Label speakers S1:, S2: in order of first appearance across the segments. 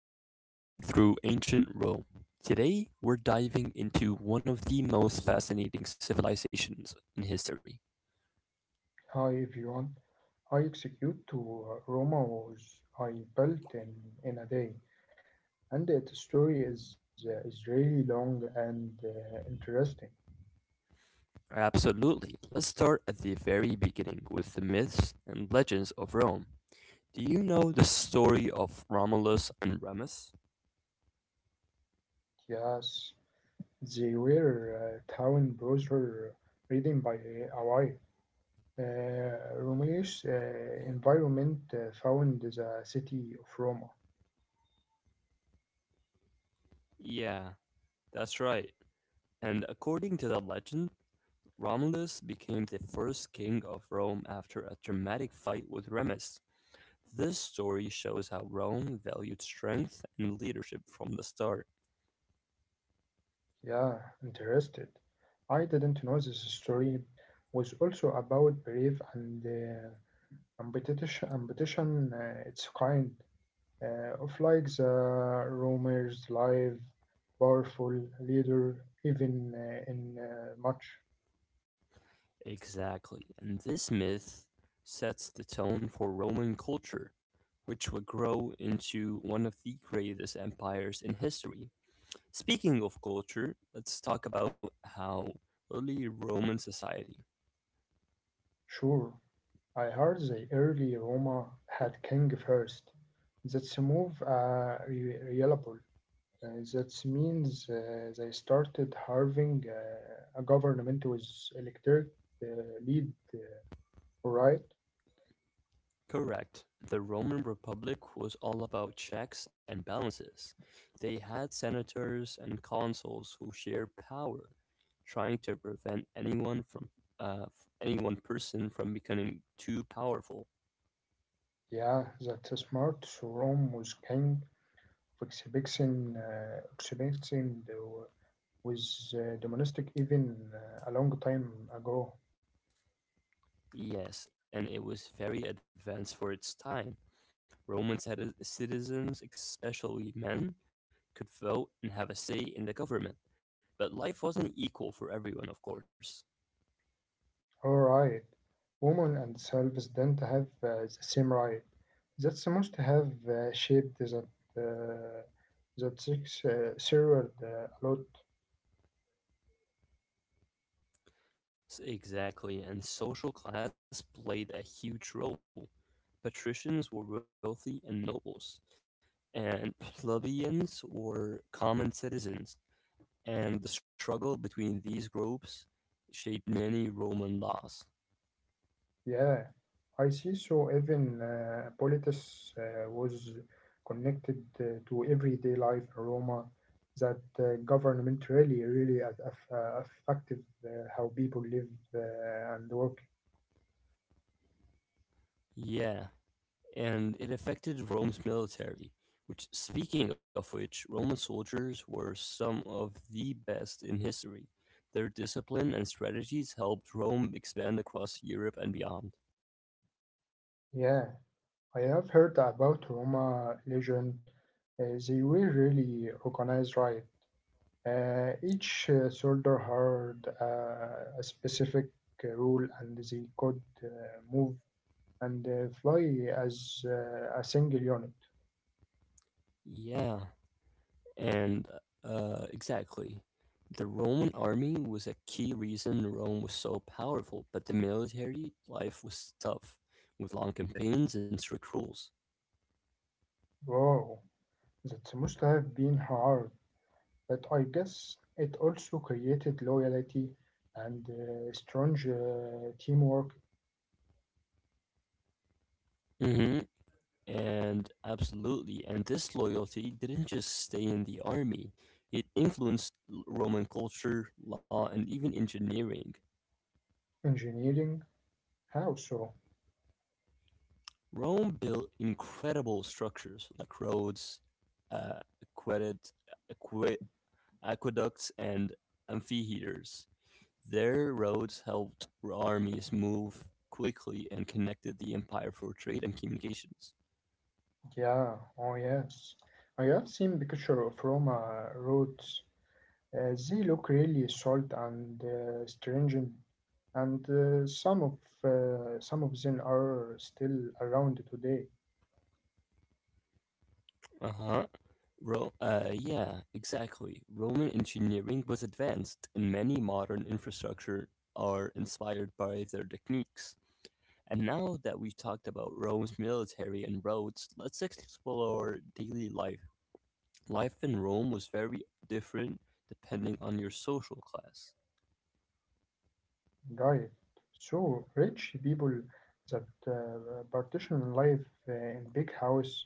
S1: to our journey through ancient Rome. Today, we're diving into one of the most fascinating civilizations in history.
S2: Hi everyone. I execute to Roma was I built in a day, and the story is really long and interesting.
S1: Absolutely. Let's start at the very beginning with the myths and legends of Rome. Do you know the story of Romulus and Remus?
S2: Yes, they were town browser reading by a wife. Romania's environment found the city of Roma.
S1: Yeah, that's right. And according to the legend, Romulus became the first king of Rome after a dramatic fight with Remus. This story shows how Rome valued strength and leadership from the start.
S2: Yeah, interested. I didn't know this story was also about brave and competition its kind of like the rumors, live, powerful leader, even in much.
S1: Exactly, and this myth sets the tone for Roman culture, which would grow into one of the greatest empires in history. Speaking of culture, let's talk about how early Roman society.
S2: Sure, I heard the early Roma had king first. That's a move reliable. That means they started having a government with electric uh, lead, uh, right?
S1: Correct. The Roman Republic was all about checks and balances. They had senators and consuls who shared power, trying to prevent anyone from uh, any one person from becoming too powerful.
S2: Yeah, that's smart. So Rome was king, Oxybexian was domestic even a long time ago.
S1: Yes, and it was very advanced for its time. Roman citizens, especially men, could vote and have a say in the government. But life wasn't equal for everyone, of course.
S2: Alright, women and selves don't have the same right. That's must have shaped uh, that sex served a lot.
S1: Yes, exactly, and social class played a huge role. Patricians were wealthy and nobles, and plebeians were common citizens, and the struggle between these groups shaped many Roman laws.
S2: Yeah, I see. So even politics was connected to everyday life in Roma. That government really, affected how people live and work.
S1: Yeah, and it affected Rome's military, which, speaking of which, Roman soldiers were some of the best in history. Their discipline and strategies helped Rome expand across Europe and beyond.
S2: Yeah, I have heard about Roma legend. They were really organized, right? Each soldier had a specific rule, and they could move and fly as a single unit.
S1: Yeah, And uh, exactly. The Roman army was a key reason Rome was so powerful, but the military life was tough, with long campaigns and strict rules.
S2: Wow, that must have been hard, but I guess it also created loyalty and strong teamwork
S1: hmm And absolutely, and this loyalty didn't just stay in the army, it influenced Roman culture, law, and even engineering.
S2: engineering. How so?
S1: Rome built incredible structures like roads, uh, aqueducts, and amphitheaters. Their roads helped armies move quickly and connected the empire for trade and communications.
S2: Yeah, oh yes. I have seen pictures of Roma roads. They look really salt and stringent, and some of them are still around today.
S1: Uh-huh. Yeah, exactly. Roman engineering was advanced, and many modern infrastructure are inspired by their techniques. And now that we've talked about Rome's military and roads, let's explore daily life. Life in Rome was very different depending on your social class.
S2: Got it. So rich people that partition life in big house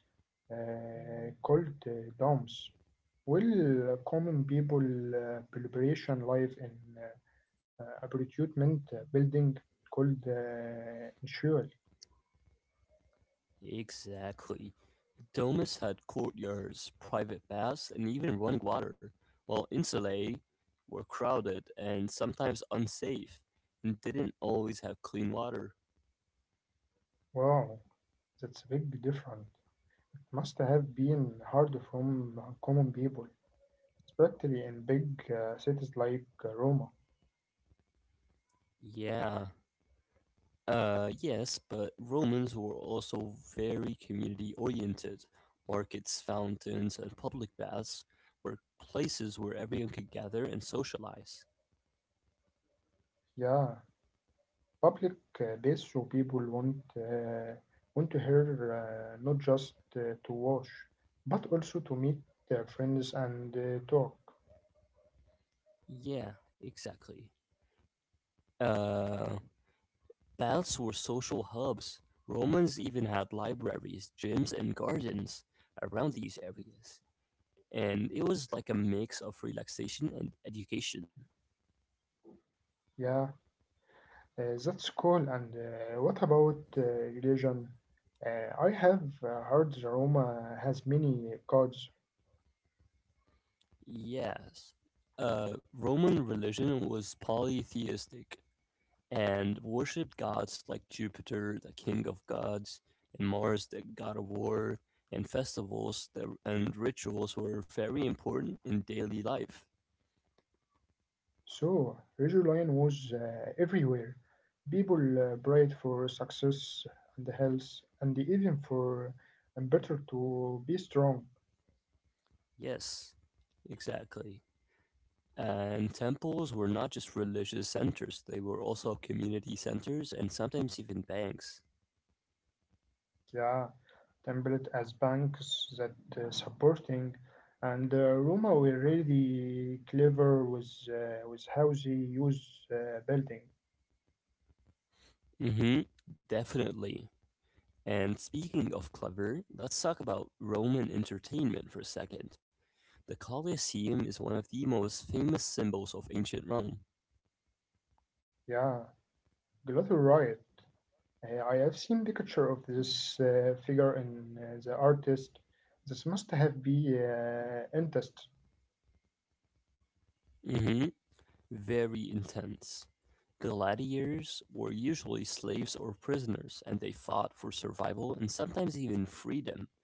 S2: called domes. Will common people preparation life in uh, apartment building called insual.
S1: Exactly. Domus had courtyards, private baths, and even running water, while insulae were crowded and sometimes unsafe and didn't always have clean water.
S2: Wow, that's a big difference. Must have been hard from common people, especially in big cities like Roma.
S1: Yeah, yes, but Romans were also very community oriented. Markets, fountains, and public baths were places where everyone could gather and socialize.
S2: Yeah, public this so people want to hear not just to watch, but also to meet their friends and talk.
S1: Yeah, exactly. Uh, Baths were social hubs. Romans even had libraries, gyms, and gardens around these areas. And it was like a mix of relaxation and education.
S2: Yeah, that's cool. And what about religion? I have heard Roma has many gods,
S1: Yes. Uh, Roman religion was polytheistic, and worshipped gods like Jupiter, the king of gods, and Mars, the god of war, and festivals and rituals were very important in daily life.
S2: so religion was everywhere. People prayed for success and health, and even for a better to be strong.
S1: Yes, exactly. And temples were not just religious centers, they were also community centers and sometimes even banks.
S2: Yeah. Template as banks that supporting and Roma were really clever with how they use building.
S1: Mm-hmm, definitely. And speaking of clever, let's talk about Roman entertainment for a second. The Colosseum is one of the most famous symbols of ancient Rome.
S2: Yeah, Glottal Riot. I have seen the picture of this figure in the artist. This must have been interest.
S1: hmm Very intense. Gladiators were usually slaves or prisoners, and they fought for survival and sometimes even freedom.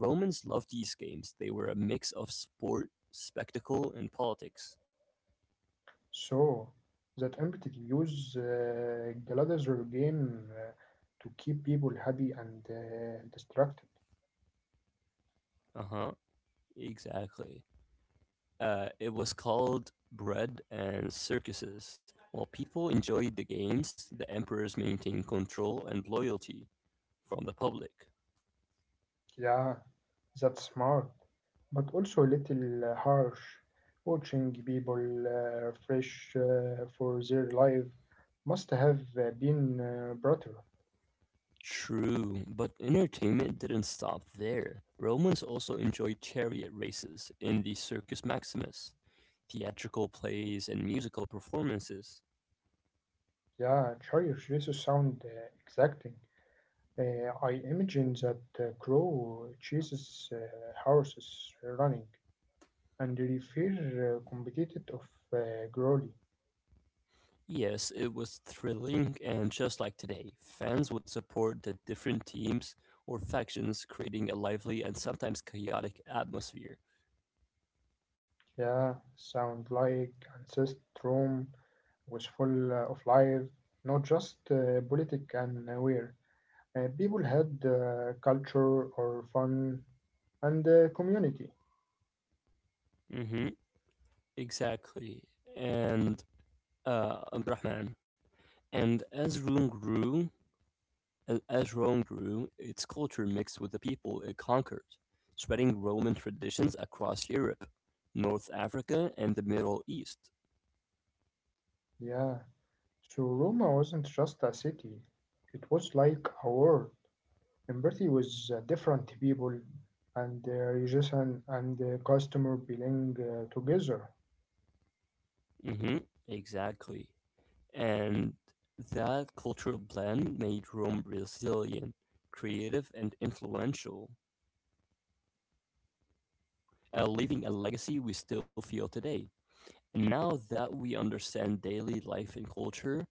S1: Romans loved these games. They were a mix of sport, spectacle, and politics.
S2: So that empathy use Gladiator game to keep people happy and distracted.
S1: Uh huh. Exactly. It was called bread and circuses. While people enjoyed the games, the emperors maintained control and loyalty from the public.
S2: Yeah, that's smart, but also a little harsh. Watching people fresh for their life must have been brutal.
S1: True, but entertainment didn't stop there. Romans also enjoyed chariot races in the Circus Maximus, theatrical plays, and musical performances.
S2: Yeah, cherish this sound exacting. I imagine that crow chases horses running and refer competed of Groly.
S1: Yes, it was thrilling, and just like today, fans would support the different teams or factions, creating a lively and sometimes chaotic atmosphere.
S2: Yeah, sound like ancestrum wishful of life, not just politic and aware. People had culture or fun and community.
S1: Mm-hmm, exactly. And, Abdurrahman. And as Rome grew, As Rome grew, its culture mixed with the people it conquered, spreading Roman traditions across Europe, North Africa, and the Middle East.
S2: Yeah. So Roma wasn't just a city; it was like a world. Empathy with different people and religion and customer belong together.
S1: hmm exactly. And that cultural blend made Rome resilient, creative, and influential, leaving a legacy we still feel today. And now that we understand daily life and culture,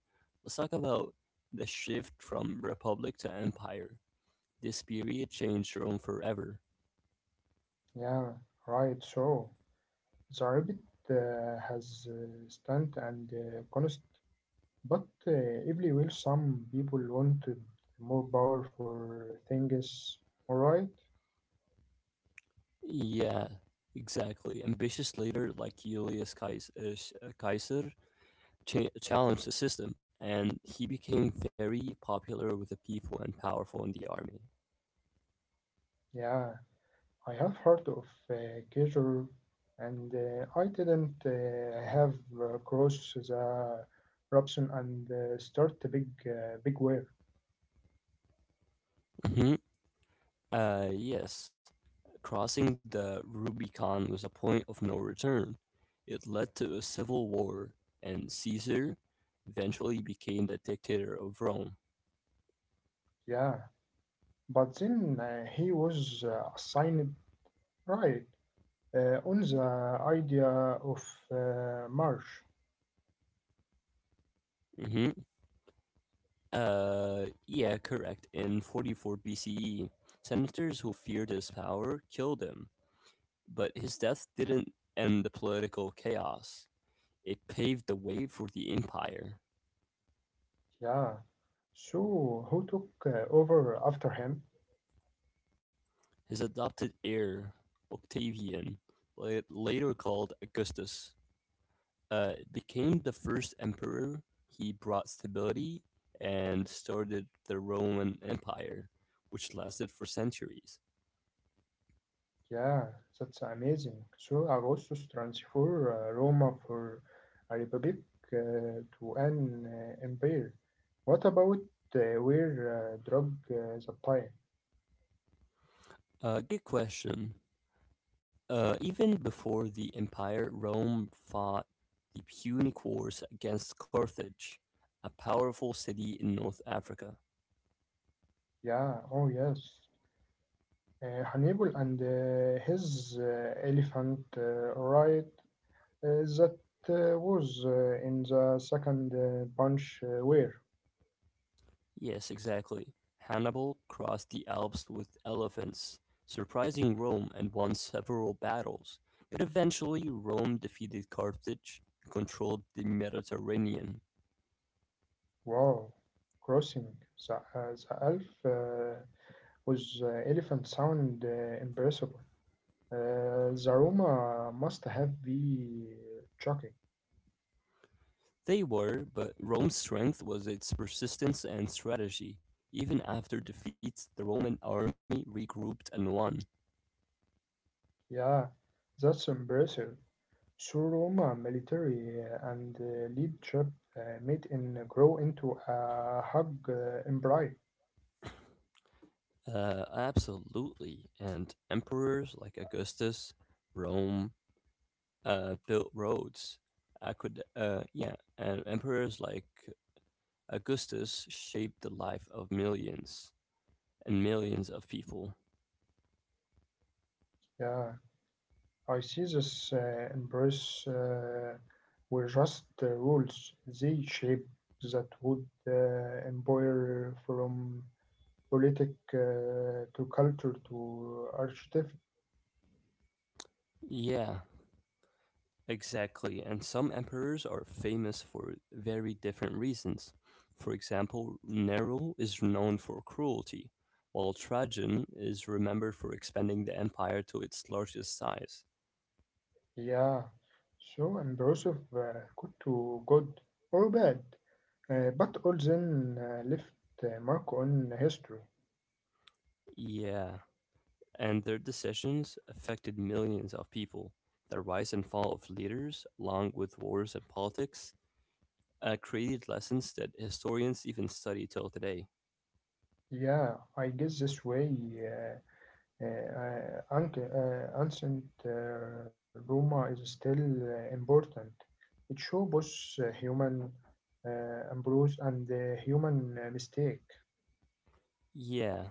S1: let's talk about the shift from republic to empire. This period changed Rome forever.
S2: Yeah. Right. So the rabbit has stand and constant. But every will some people wanted more power for things, alright?
S1: Yeah, exactly. Ambitious leader like Caesar challenged the system, and he became very popular with the people and powerful in the army.
S2: Yeah, I have heard of uh, Kejur and I didn't have crossed the Robson and start a big war.
S1: hmm yes, crossing the Rubicon was a point of no return. It led to a civil war, and Caesar eventually became the dictator of Rome.
S2: Yeah, but then he was assigned right on the idea of Marsh.
S1: hmm yeah, correct. In 44 BCE, senators who feared his power killed him, but his death didn't end the political chaos. It paved the way for the empire.
S2: Yeah, so who took over after him?
S1: His adopted heir, Octavian, later called Augustus, uh, became the first emperor. He brought stability and started the Roman Empire, which lasted for centuries.
S2: Yeah, that's amazing. So Augustus transferred Roma for a republic to an empire. What about where drug the time?
S1: Good question. Even before the Empire, Rome fought the Punic Wars against Carthage, a powerful city in North Africa.
S2: Yeah, oh yes. Hannibal and his elephant right that was in the second bunch where,
S1: Yes, exactly. Hannibal crossed the Alps with elephants, surprising Rome and won several battles. But eventually, Rome defeated Carthage and controlled the Mediterranean.
S2: wow, crossing the elf with elephant sound impossible. The aroma must have been shocking.
S1: They were, but Rome's strength was its persistence and strategy. Even after defeats, the Roman army regrouped and won.
S2: Yeah, that's impressive. So Roma military and leadership made in grow into a hug empire.
S1: Absolutely. And emperors like Augustus, Rome, built roads. I could, yeah, and emperors like Augustus shaped the life of millions and millions of people.
S2: Yeah, I see this embrace were just rules. They shape that would empire from politic to culture to architecture.
S1: Yeah, exactly. And some emperors are famous for very different reasons. For example, Nero is known for cruelty, while Trajan is remembered for expanding the empire to its largest size.
S2: Yeah, so impressive. Good to good or bad, but Olsen left a mark on history.
S1: Yeah, and their decisions affected millions of people. The rise and fall of leaders, along with wars and politics, created lessons that historians even study till today.
S2: Yeah, I guess this way, uh, ancient Roma is still important. It shows both human embrace and the human mistake.
S1: Yeah,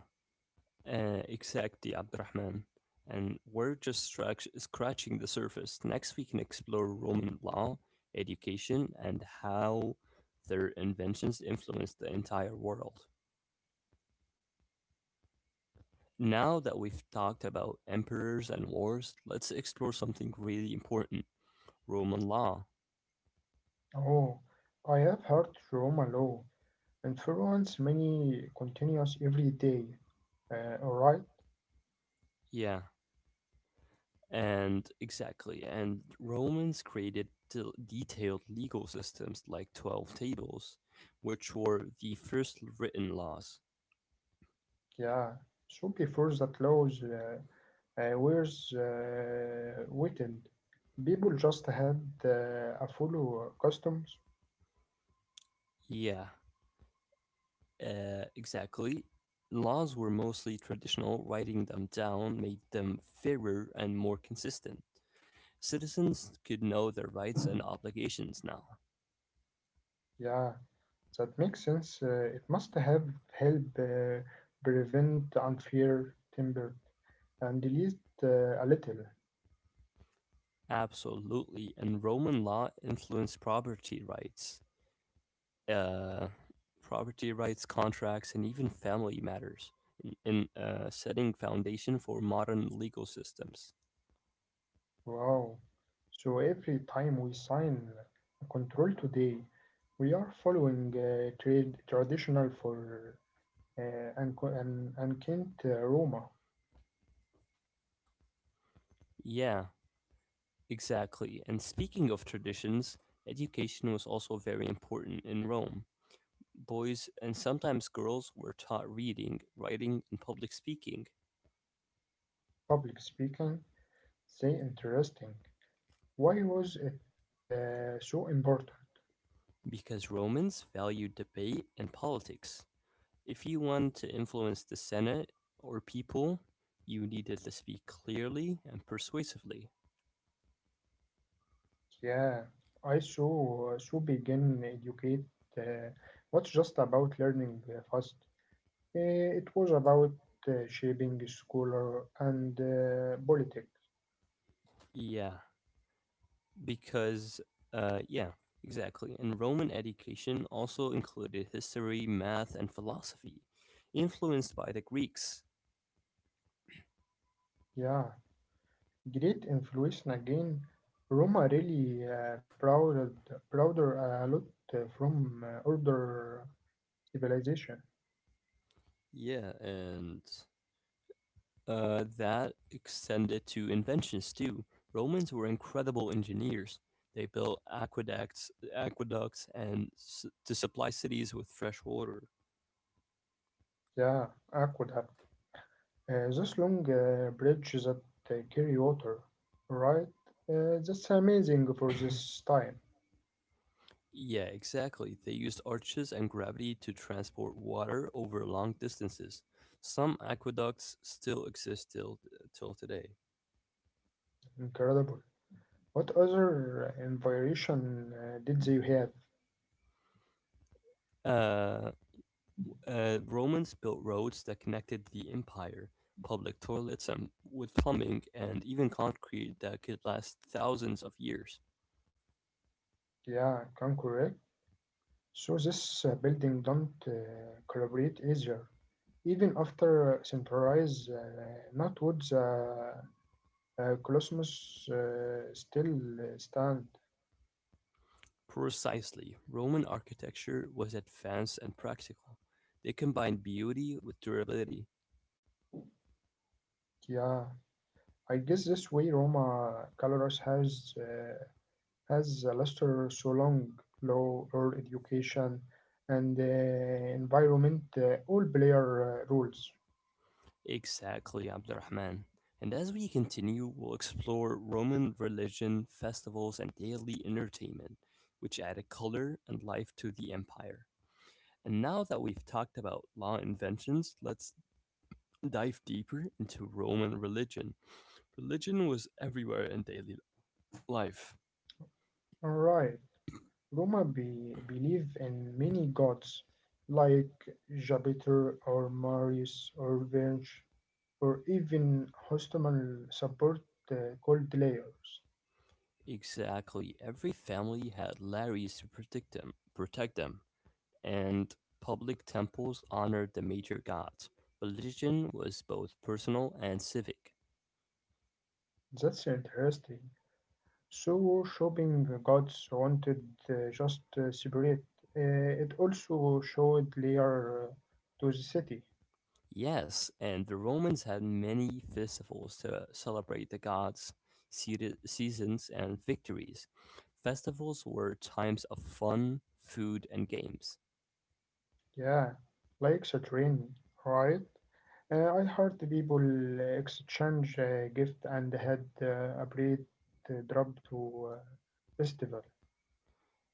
S1: exactly, Abdurrahman. And we're just scratching the surface. Next, we can explore Roman law, education, and how their inventions influenced the entire world. Now that we've talked about emperors and wars, let's explore something really important: Roman law.
S2: Oh, I have heard Roma law influence many continuous every day. All right.
S1: Yeah, and exactly. And Romans created detailed legal systems like 12 tables, which were the first written laws.
S2: Yeah. So before that laws was written, people just had a follow customs.
S1: Yeah, exactly. Laws were mostly traditional, writing them down made them fairer and more consistent. Citizens could know their rights and obligations now.
S2: Yeah, that makes sense. It must have helped prevent unfair timber and delete a little.
S1: Absolutely, and Roman law influenced uh, property rights, contracts, and even family matters, in, setting foundation for modern legal systems.
S2: Wow. So every time we sign a control today, we are following trade traditional for uh, and Kent Roma.
S1: Yeah, exactly. And speaking of traditions, education was also very important in Rome. Boys and sometimes girls were taught reading, writing, and public speaking
S2: Public speaking? Say interesting. Why was it so important?
S1: because Romans valued debate and politics. If you wanted to influence the Senate or people, you needed to speak clearly and persuasively.
S2: Yeah, I so begin educate uh, was just about learning fast. It was about shaping scholar and politics.
S1: Yeah, Because, uh, yeah, exactly. And Roman education also included history, math, and philosophy, influenced by the Greeks.
S2: Yeah, great influence again. Roma really prouder a lot from older civilization.
S1: Yeah, and that extended to inventions too. Romans were incredible engineers. They built aqueducts, and to supply cities with fresh water.
S2: Yeah, I could have. Those long bridges that carry water, right? That's amazing for this time.
S1: Yeah, exactly. They used arches and gravity to transport water over long distances. Some aqueducts still exist till today.
S2: Incredible. What other inspiration did they have?
S1: Uh, Romans built roads that connected the empire, public toilets and with plumbing, and even concrete that could last thousands of years.
S2: Yeah, can correct. So this building don't collaborate easier. Even after centralized, not woods, Colossus still stand.
S1: Precisely, Roman architecture was advanced and practical. They combined beauty with durability.
S2: Yeah, I guess this way Roma Colorus has lasted so long, law or education and environment, all player roles.
S1: Exactly, Abdurrahman. And as we continue, we'll explore Roman religion, festivals, and daily entertainment, which added color and life to the empire. And now that we've talked about law inventions, let's dive deeper into Roman religion. Religion was everywhere in daily life.
S2: Alright, Roma believe in many gods like Jupiter or Marius or Venus or even hostile support uh, called layers.
S1: Exactly. Every family had Larrys to protect them, and public temples honored the major gods. Religion was both personal and civic.
S2: That's interesting. So shopping gods wanted just separate. It also showed layer to the city.
S1: Yes, and the Romans had many festivals to celebrate the gods' seasons and victories. Festivals were times of fun, food, and games.
S2: Yeah, like the train, right? I heard the people exchange gift and had a great drop to festival.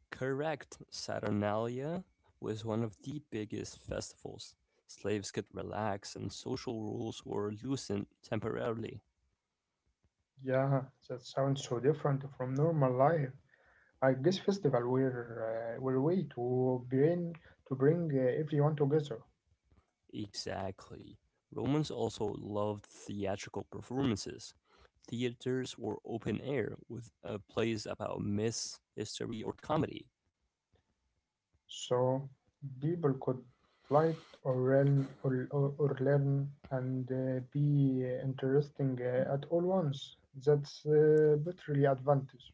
S1: Correct, Saturnalia was one of the biggest festivals. Slaves could relax, and social rules were loosened temporarily.
S2: Yeah, that sounds so different from normal life. I guess festival were way to bring everyone together.
S1: Exactly. Romans also loved theatrical performances. Theaters were open air, with plays about myths, history, or comedy.
S2: So people could light or learn or learn and be interesting at all once. That's literally advantage.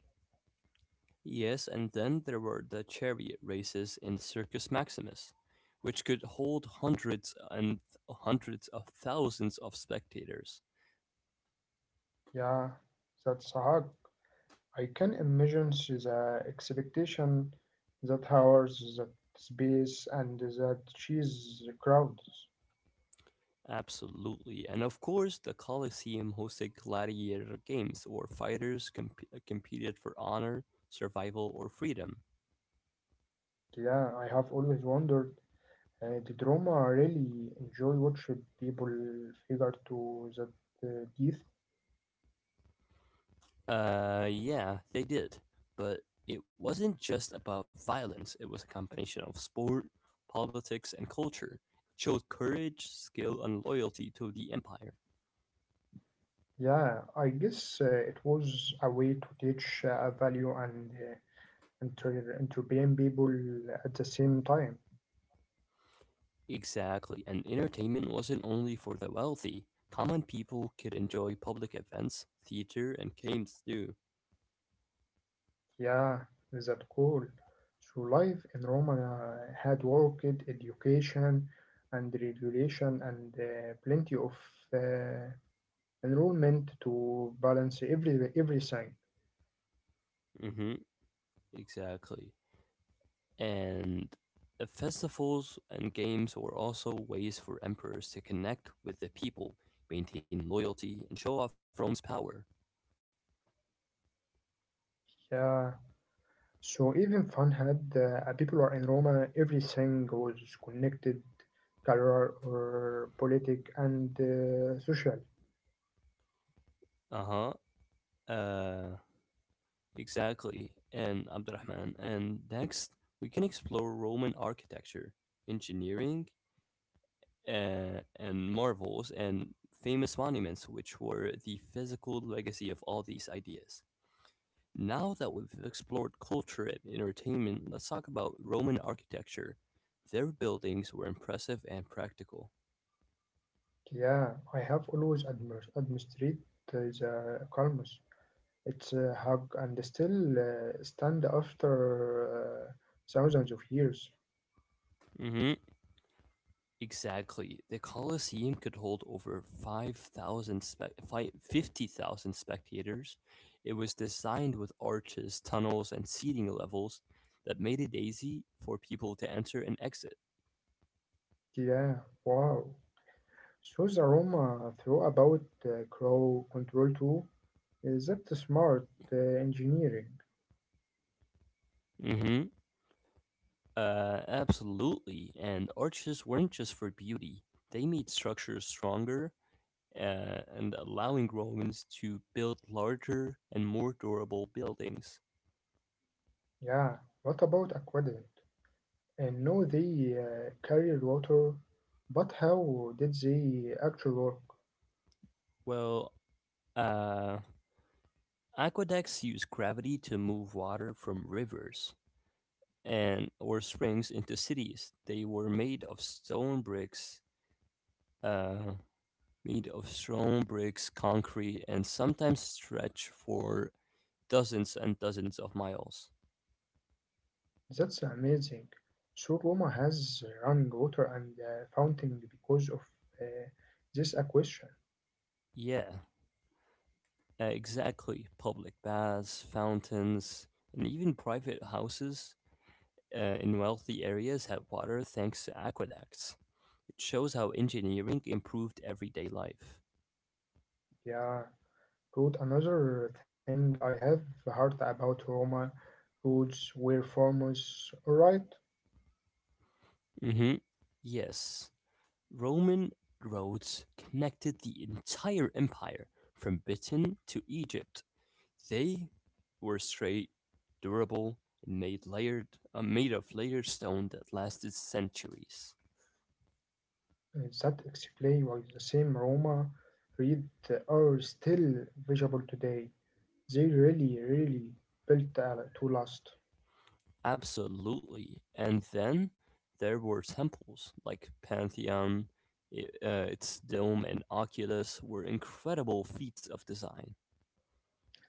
S1: Yes, and then there were the chariot races in Circus Maximus, which could hold hundreds and hundreds of thousands of spectators.
S2: Yeah, that's a hack. I can imagine the expectation that hours, that space, and that cheese crowds.
S1: Absolutely. And of course, the Colosseum hosted gladiator games where fighters competed for honor, survival, or freedom.
S2: Yeah, I have always wondered. Did Roma really enjoy watching people figure to that death?
S1: Yeah, they did. But it wasn't just about violence, it was a combination of sport, politics, and culture. It showed courage, skill, and loyalty to the empire.
S2: Yeah, I guess it was a way to teach value and inter entertain people at the same time.
S1: Exactly, and entertainment wasn't only for the wealthy. Common people could enjoy public events, theater, and games too.
S2: Yeah, is that cool? So life in Rome had worked education and regulation and plenty of uh, enrollment to balance everything.
S1: Mm hmm, exactly. And festivals and games were also ways for emperors to connect with the people, maintain loyalty, and show off Rome's power.
S2: Yeah, so even fun had people were in Roma, everything was connected, career or politic and social.
S1: Uh-huh. Uh Exactly. And Abdurrahman. And next, we can explore Roman architecture, engineering, and marvels and famous monuments, which were the physical legacy of all these ideas. Now that we've explored culture and entertainment, let's talk about Roman architecture. Their buildings were impressive and practical.
S2: Yeah, I have always admired administrate the calmness. It's a hug and still stand after uh, thousands of years.
S1: hmm Exactly. The Colosseum could hold over 50,000 spectators. It was designed with arches, tunnels, and seating levels that made it easy for people to enter and exit.
S2: Yeah, wow. So the Roma throw about crow control too. Is that smart engineering?
S1: hmm Absolutely. And arches weren't just for beauty, they made structures stronger and allowing Romans to build larger and more durable buildings.
S2: Yeah. What about aqueduct? And know they carried water, but how did they actually work?
S1: Well, uh, aqueducts use gravity to move water from rivers and or springs into cities. They were made of stone bricks, uh, concrete, and sometimes stretch for dozens and dozens of miles.
S2: That's amazing. So Roma has running water and fountain because of uh, this acquisition.
S1: Yeah, exactly. Public baths, fountains, and even private houses in wealthy areas had water thanks to aqueducts. It shows how engineering improved everyday life.
S2: Yeah, Ruth, another thing I have heard about Roma roads where farmers right.
S1: hmm Yes, Roman roads connected the entire empire from Britain to Egypt. They were straight, durable, and made of layered stone that lasted centuries.
S2: That explain why the same Roma read are still visible today. They really, really built to last.
S1: Absolutely. And then there were temples like Pantheon, its dome, and Oculus were incredible feats of design.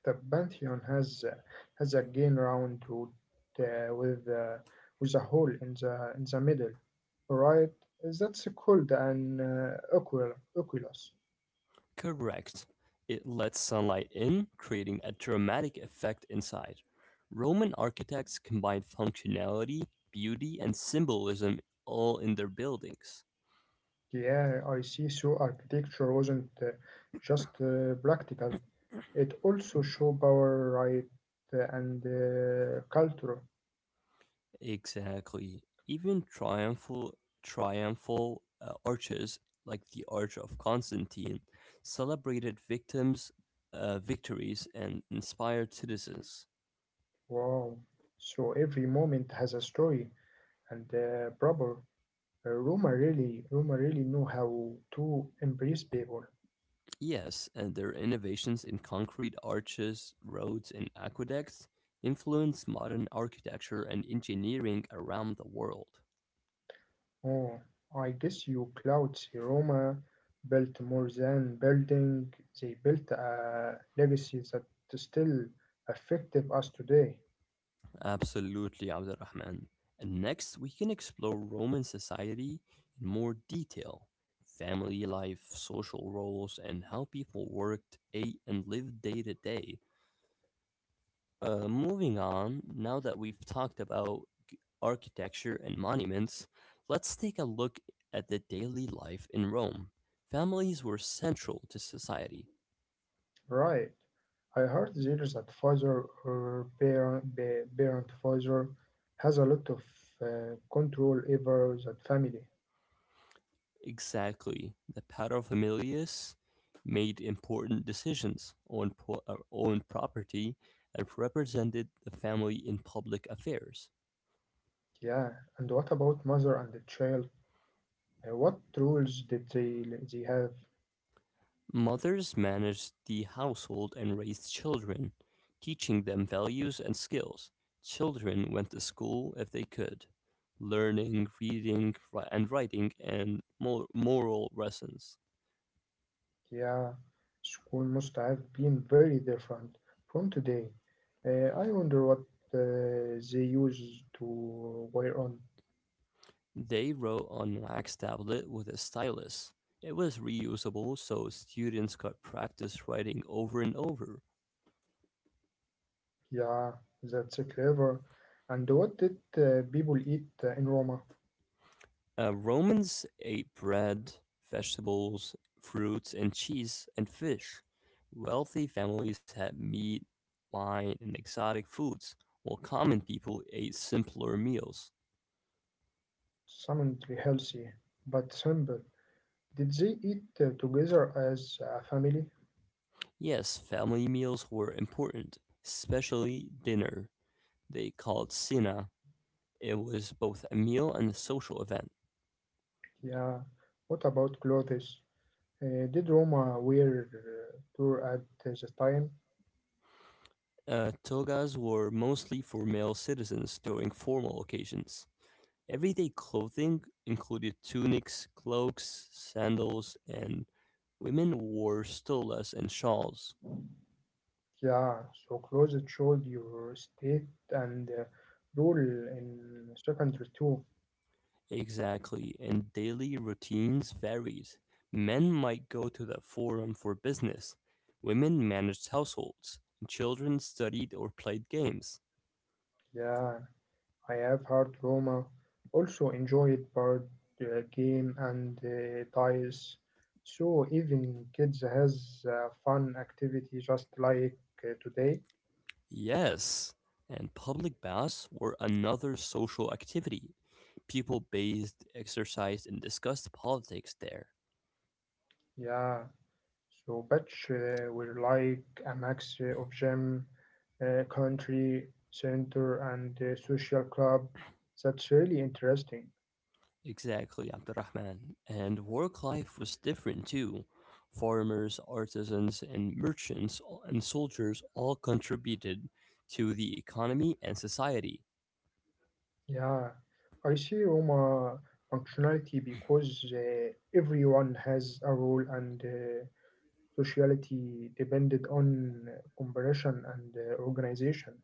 S2: The Pantheon has again round root uh, with uh, with a hole in the middle, right? That's called an oculus.
S1: Correct. It lets sunlight in, creating a dramatic effect inside. Roman architects combined functionality, beauty, and symbolism all in their buildings.
S2: Yeah, I see. So architecture wasn't just practical; it also showed power, right, and culture.
S1: Exactly. Even triumphal arches like the Arch of Constantine celebrated victims' victories and inspired citizens.
S2: Wow! So every moment has a story and proper. Roma really know how to embrace people.
S1: Yes, and their innovations in concrete arches, roads, and aqueducts influenced modern architecture and engineering around the world.
S2: Oh, I guess you clouds Roma built more than building. They built a legacy that still affected us today.
S1: Absolutely, Abdurrahman. And next, we can explore Roman society in more detail: family life, social roles, and how people worked, ate, and lived day to day. Moving on, now that we've talked about architecture and monuments, let's take a look at the daily life in Rome. Families were central to society.
S2: Right. I heard dealers at or parent Pfizer has a lot of control over that family.
S1: Exactly. The paterfamilias made important decisions on, on property and represented the family in public affairs.
S2: Yeah. And what about mother and the child? What rules did they have?
S1: Mothers managed the household and raised children, teaching them values and skills. Children went to school if they could, learning reading and writing and moral lessons.
S2: Yeah. School must have been very different from today. I wonder what they used to wear on.
S1: They wrote on wax tablet with a stylus. It was reusable so students could practice writing over and over.
S2: Yeah, that's clever. And what did people eat in Roma?
S1: Romans ate bread, vegetables, fruits and cheese and fish. Wealthy families had meat, wine, and exotic foods, while common people ate simpler meals.
S2: Summoned healthy, but simple. Did they eat together as a family?
S1: Yes, family meals were important, especially dinner. They called cena. It was both a meal and a social event.
S2: Yeah. What about clothes? Did Roma wear tour at the time?
S1: Togas were mostly for male citizens during formal occasions. Everyday clothing included tunics, cloaks, sandals, and women wore stolas and shawls.
S2: Yeah. So clothes showed your state and rule in secondary too.
S1: Exactly, and daily routines varied. Men might go to the forum for business, women managed households, and children studied or played games.
S2: Yeah. I have heard Roma also enjoyed board game and dice, so even kids has fun activity just like today.
S1: Yes, and public baths were another social activity. People bathed, exercised, and discussed politics there.
S2: Yeah, so Batch will like a mix of gym, country center, and social club. That's really interesting.
S1: Exactly, Abdurrahman. And work life was different too. Farmers, artisans, and merchants and soldiers all contributed to the economy and society.
S2: Yeah, I see Roma functionality because everyone has a role and Sociality depended on cooperation and organization.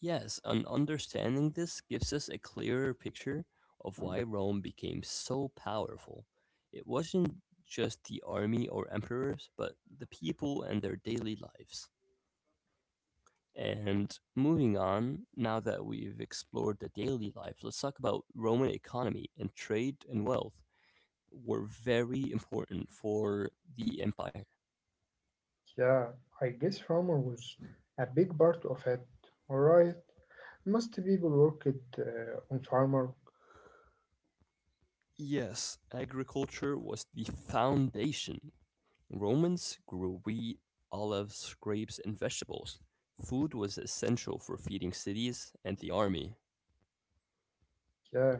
S1: Yes, and understanding this gives us a clearer picture of why Rome became so powerful. It wasn't just the army or emperors, but the people and their daily lives. And moving on, now that we've explored the daily life, let's talk about Roman economy, and trade and wealth were very important for the empire.
S2: Yeah, I guess farmer was a big part of it. Alright, most people worked on farmer.
S1: Yes, agriculture was the foundation. Romans grew wheat, olives, grapes, and vegetables. Food was essential for feeding cities and the army.
S2: Yeah,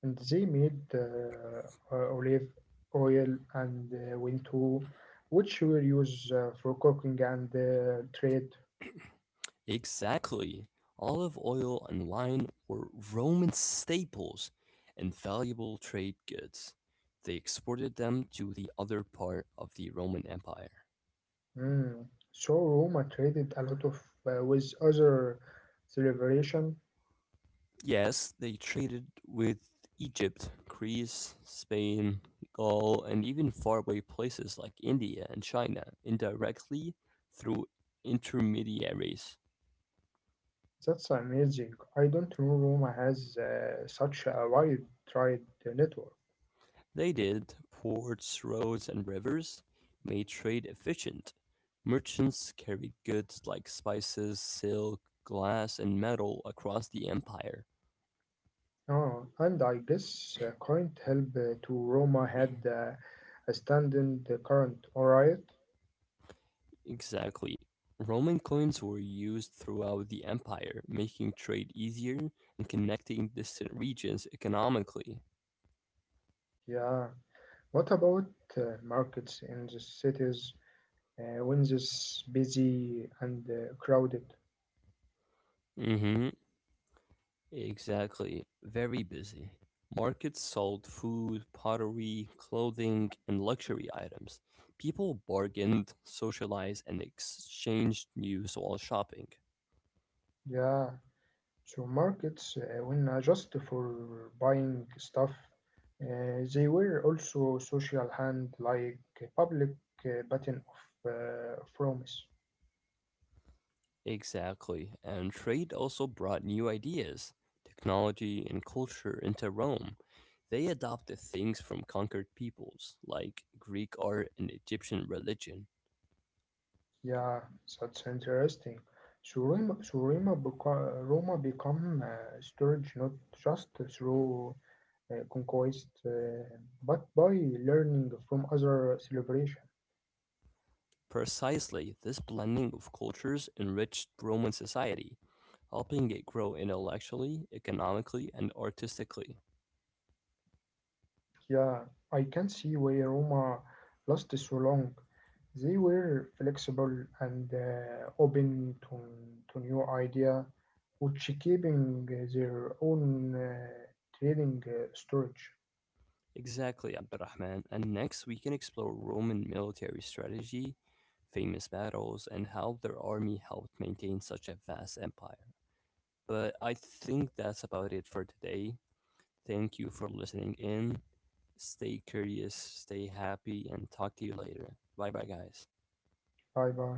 S2: and they made olive oil and winto, which were used for cooking and trade.
S1: Exactly. Olive oil and wine were Roman staples and valuable trade goods. They exported them to the other part of the Roman Empire.
S2: Mm. So Roma traded a lot of with other civilization.
S1: Yes, they traded with Egypt, Greece, Spain, Gaul, and even faraway places like India and China indirectly through intermediaries.
S2: That's amazing. I don't know Roma has such a wide trade network.
S1: They did. Ports, roads, and rivers made trade efficient. Merchants carried goods like spices, silk, glass, and metal across the empire.
S2: Oh, and I guess current help to Roma had a standing the current, alright?
S1: Exactly. Roman coins were used throughout the empire, making trade easier and connecting distant regions economically.
S2: Yeah. What about markets in the cities when this busy and crowded?
S1: Mm-hmm. Exactly. Very busy. Markets sold food, pottery, clothing, and luxury items. People bargained, socialized, and exchanged news while shopping.
S2: Yeah. So markets were not just for buying stuff, they were also social hand like a public button of promise.
S1: Exactly, and trade also brought new ideas, technology, and culture into Rome. They adopted things from conquered peoples, like Greek art and Egyptian religion.
S2: Yeah, that's interesting. So Roma become storage not just through conquest, but by learning from other celebration.
S1: Precisely, this blending of cultures enriched Roman society, helping it grow intellectually, economically, and artistically.
S2: Yeah, I can see why Roma lasted so long. They were flexible and open to new idea, which keeping their own trading storage.
S1: Exactly, Abdurrahman. And next, we can explore Roman military strategy, famous battles, and how their army helped maintain such a vast empire. But I think that's about it for today. Thank you for listening in. Stay curious, stay happy, and talk to you later. Bye bye, guys.
S2: Bye bye.